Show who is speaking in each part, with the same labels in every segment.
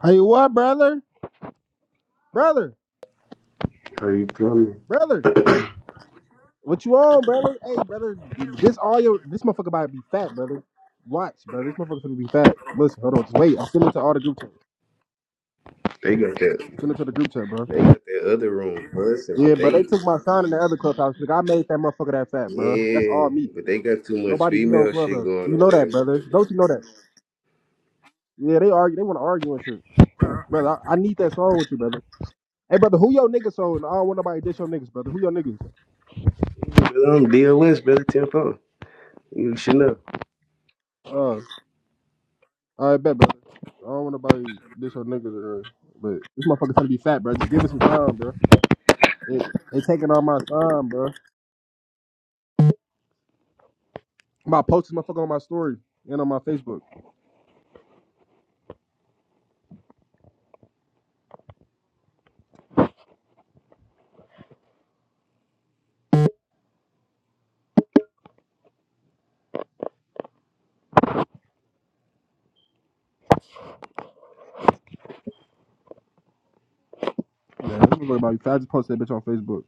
Speaker 1: Hey, what, brother? Brother,
Speaker 2: Are you coming?
Speaker 1: brother, what you on, brother? Hey, brother, this all your this motherfucker about to be fat, brother. Watch, brother, this motherfucker gonna be fat. Listen, hold on, just wait. I'm sending it to all the group chat.
Speaker 2: They got that.
Speaker 1: Send it to the group chat, bro.
Speaker 2: They got that other room busting,
Speaker 1: Yeah,
Speaker 2: but
Speaker 1: but they
Speaker 2: they
Speaker 1: took my sign in the other clubhouse. Like I made that motherfucker that fat, bro. That's
Speaker 2: yeah,
Speaker 1: all me.
Speaker 2: but they got too much
Speaker 1: Nobody be on
Speaker 2: female shit
Speaker 1: clubhouse.
Speaker 2: going on
Speaker 1: You
Speaker 2: in
Speaker 1: know that,
Speaker 2: there.
Speaker 1: brother.
Speaker 2: motherfucker.
Speaker 1: Don't you know that? Yeah, they argue. They want to argue and shit, brother. I, I need that song with you, brother. Hey, brother, who your niggas on? I don't want nobody to diss your niggas, brother. Who your niggas?
Speaker 2: But I'm DOS, brother Tempo. You should know.
Speaker 1: Uh, I bet, brother. I don't want nobody dish your niggas or but this motherfucker trying to be fat, bro. Just give it some time, bro. It it taking all my time, bro. I'm about to post this motherfucker on my story and on my Facebook. Yeah, this motherfucker about to be fat. I just posted that bitch on Facebook.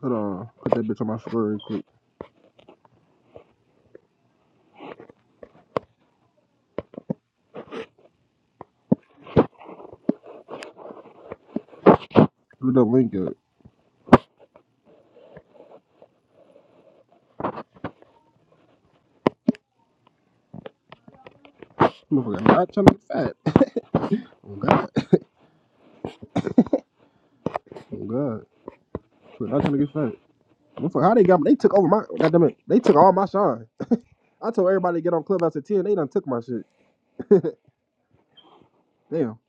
Speaker 1: Hold on, put that bitch on my story real quick. Put the link up. Motherfucker, not trying to get fat. Oh god, oh god. Motherfucker Not trying to get fat. Motherfucker, how they got me? They took over my. Goddamn it, they took all my shine. I told everybody to get on Clubhouse at ten. They done took my shit. Damn.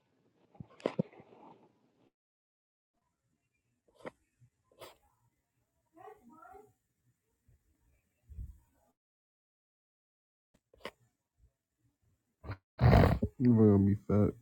Speaker 1: You gonna be fat?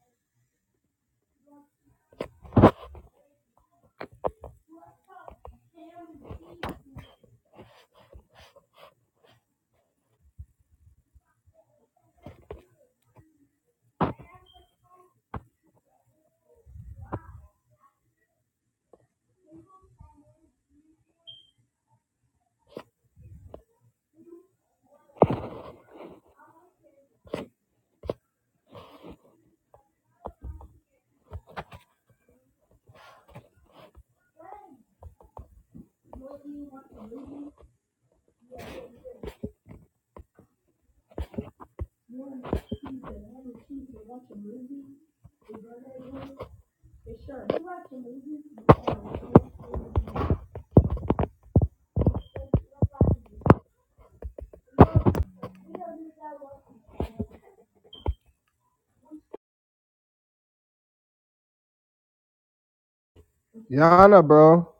Speaker 1: Yana, bro.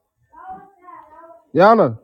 Speaker 1: Yana.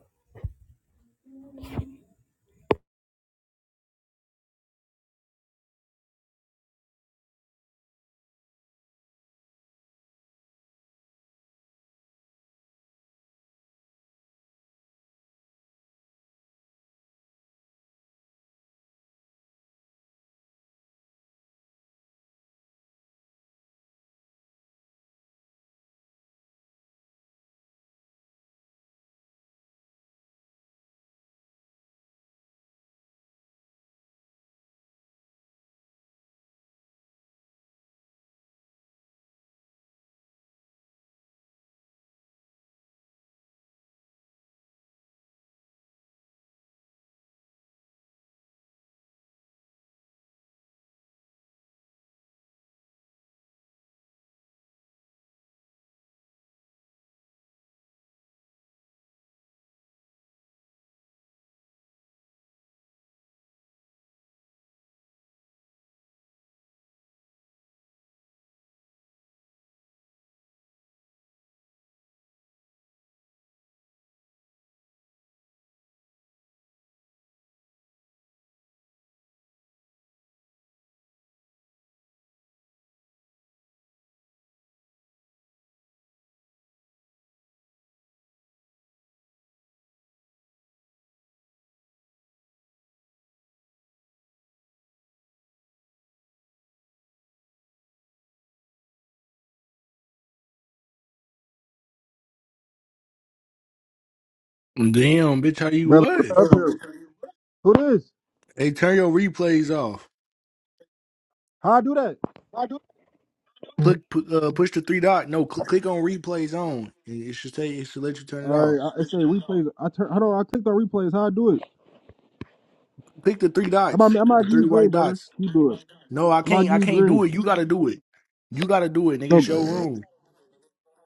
Speaker 3: Damn, bitch, how you
Speaker 1: brother.
Speaker 3: what?
Speaker 1: Up here. Who this?
Speaker 3: Hey, turn your replays off.
Speaker 1: How I do that?
Speaker 3: Why do Click, pu- uh, push the three dot. No, click, click on replays on. and It should say it should let you turn
Speaker 1: All
Speaker 3: it off.
Speaker 1: right, I, it's a replays. I turn. Hold on, I clicked on replays. How I do it?
Speaker 3: Click the three
Speaker 1: I'm about,
Speaker 3: dots,
Speaker 1: I'm about
Speaker 3: the
Speaker 1: to give
Speaker 3: three
Speaker 1: you green,
Speaker 3: white
Speaker 1: brother.
Speaker 3: dots.
Speaker 1: You do it.
Speaker 3: No, I
Speaker 1: I'm about to
Speaker 3: can't.
Speaker 1: give
Speaker 3: I
Speaker 1: you
Speaker 3: can't
Speaker 1: green.
Speaker 3: do it. You gotta do it. You gotta do it, nigga.
Speaker 1: So,
Speaker 3: It's your room.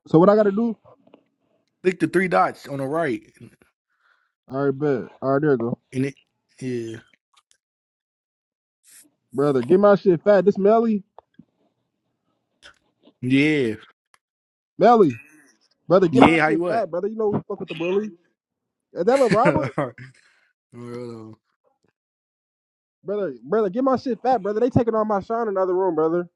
Speaker 1: so what I gotta do?
Speaker 3: Click the three dots on the right,
Speaker 1: All right, bet. All right, there you go,
Speaker 3: and it. Yeah,
Speaker 1: brother. Get my shit fat. This Melly,
Speaker 3: yeah,
Speaker 1: Melly, brother. Get my
Speaker 3: yeah. How you
Speaker 1: shit
Speaker 3: what?
Speaker 1: fat, brother. You know we fuck with the bully. Is that little
Speaker 3: Alright,
Speaker 1: Robert,
Speaker 3: hold on.
Speaker 1: brother? Brother, get my shit fat, brother. They taking all my shine in another room, brother.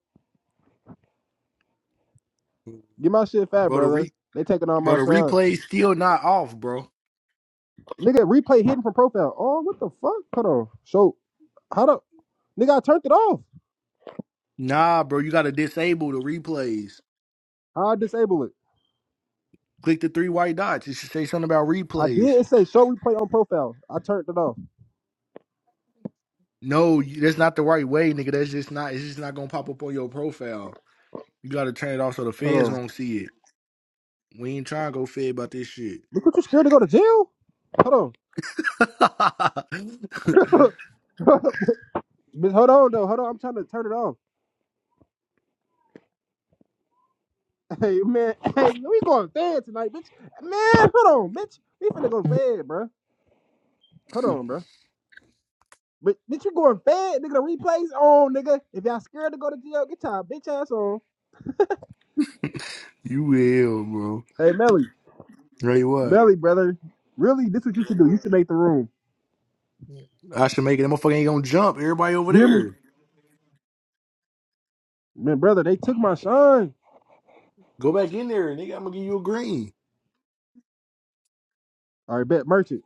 Speaker 1: Get my shit fat,
Speaker 3: Bro, the
Speaker 1: brother.
Speaker 3: re,
Speaker 1: They taking all
Speaker 3: bro,
Speaker 1: my
Speaker 3: the
Speaker 1: shine.
Speaker 3: replays still not off, bro.
Speaker 1: Nigga, replay hidden from profile. Oh, what the fuck? Hold on. So, how the nigga? I turned it off.
Speaker 3: Nah, bro, you gotta disable the replays.
Speaker 1: I disable it.
Speaker 3: Click the three white dots. It should say something about
Speaker 1: I
Speaker 3: replays.
Speaker 1: did. It say show replay on profile. I turned it off.
Speaker 3: No, you- that's not the right way, nigga. That's just not. It's just not gonna pop up on your profile. You gotta turn it off so the
Speaker 1: Hold
Speaker 3: feds
Speaker 1: on.
Speaker 3: won't see it. We ain't trying to go fed about this shit.
Speaker 1: Look what you scared to go to jail. Hold on. bitch, hold on though. Hold on. I'm trying to turn it off. Hey man. Hey, we going fed tonight, bitch. Man, hold on, bitch. We finna go fed, bro. Hold on, bro. But bitch, you going fed, nigga? The replays on, nigga. If y'all scared to go to jail, get y'all bitch ass on.
Speaker 3: you will, bro.
Speaker 1: Hey, Melly,
Speaker 3: Tell you what.
Speaker 1: Melly, brother. Really, this what you should do. You should make the room.
Speaker 3: I should make it. That motherfucker ain't gonna jump. Everybody over
Speaker 1: You hear me,
Speaker 3: there.
Speaker 1: man, brother? They took my shine.
Speaker 3: Go back in there, nigga. I'm gonna give you a green
Speaker 1: All right, bet merchant.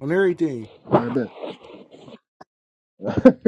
Speaker 3: on everything.
Speaker 1: All right, bet.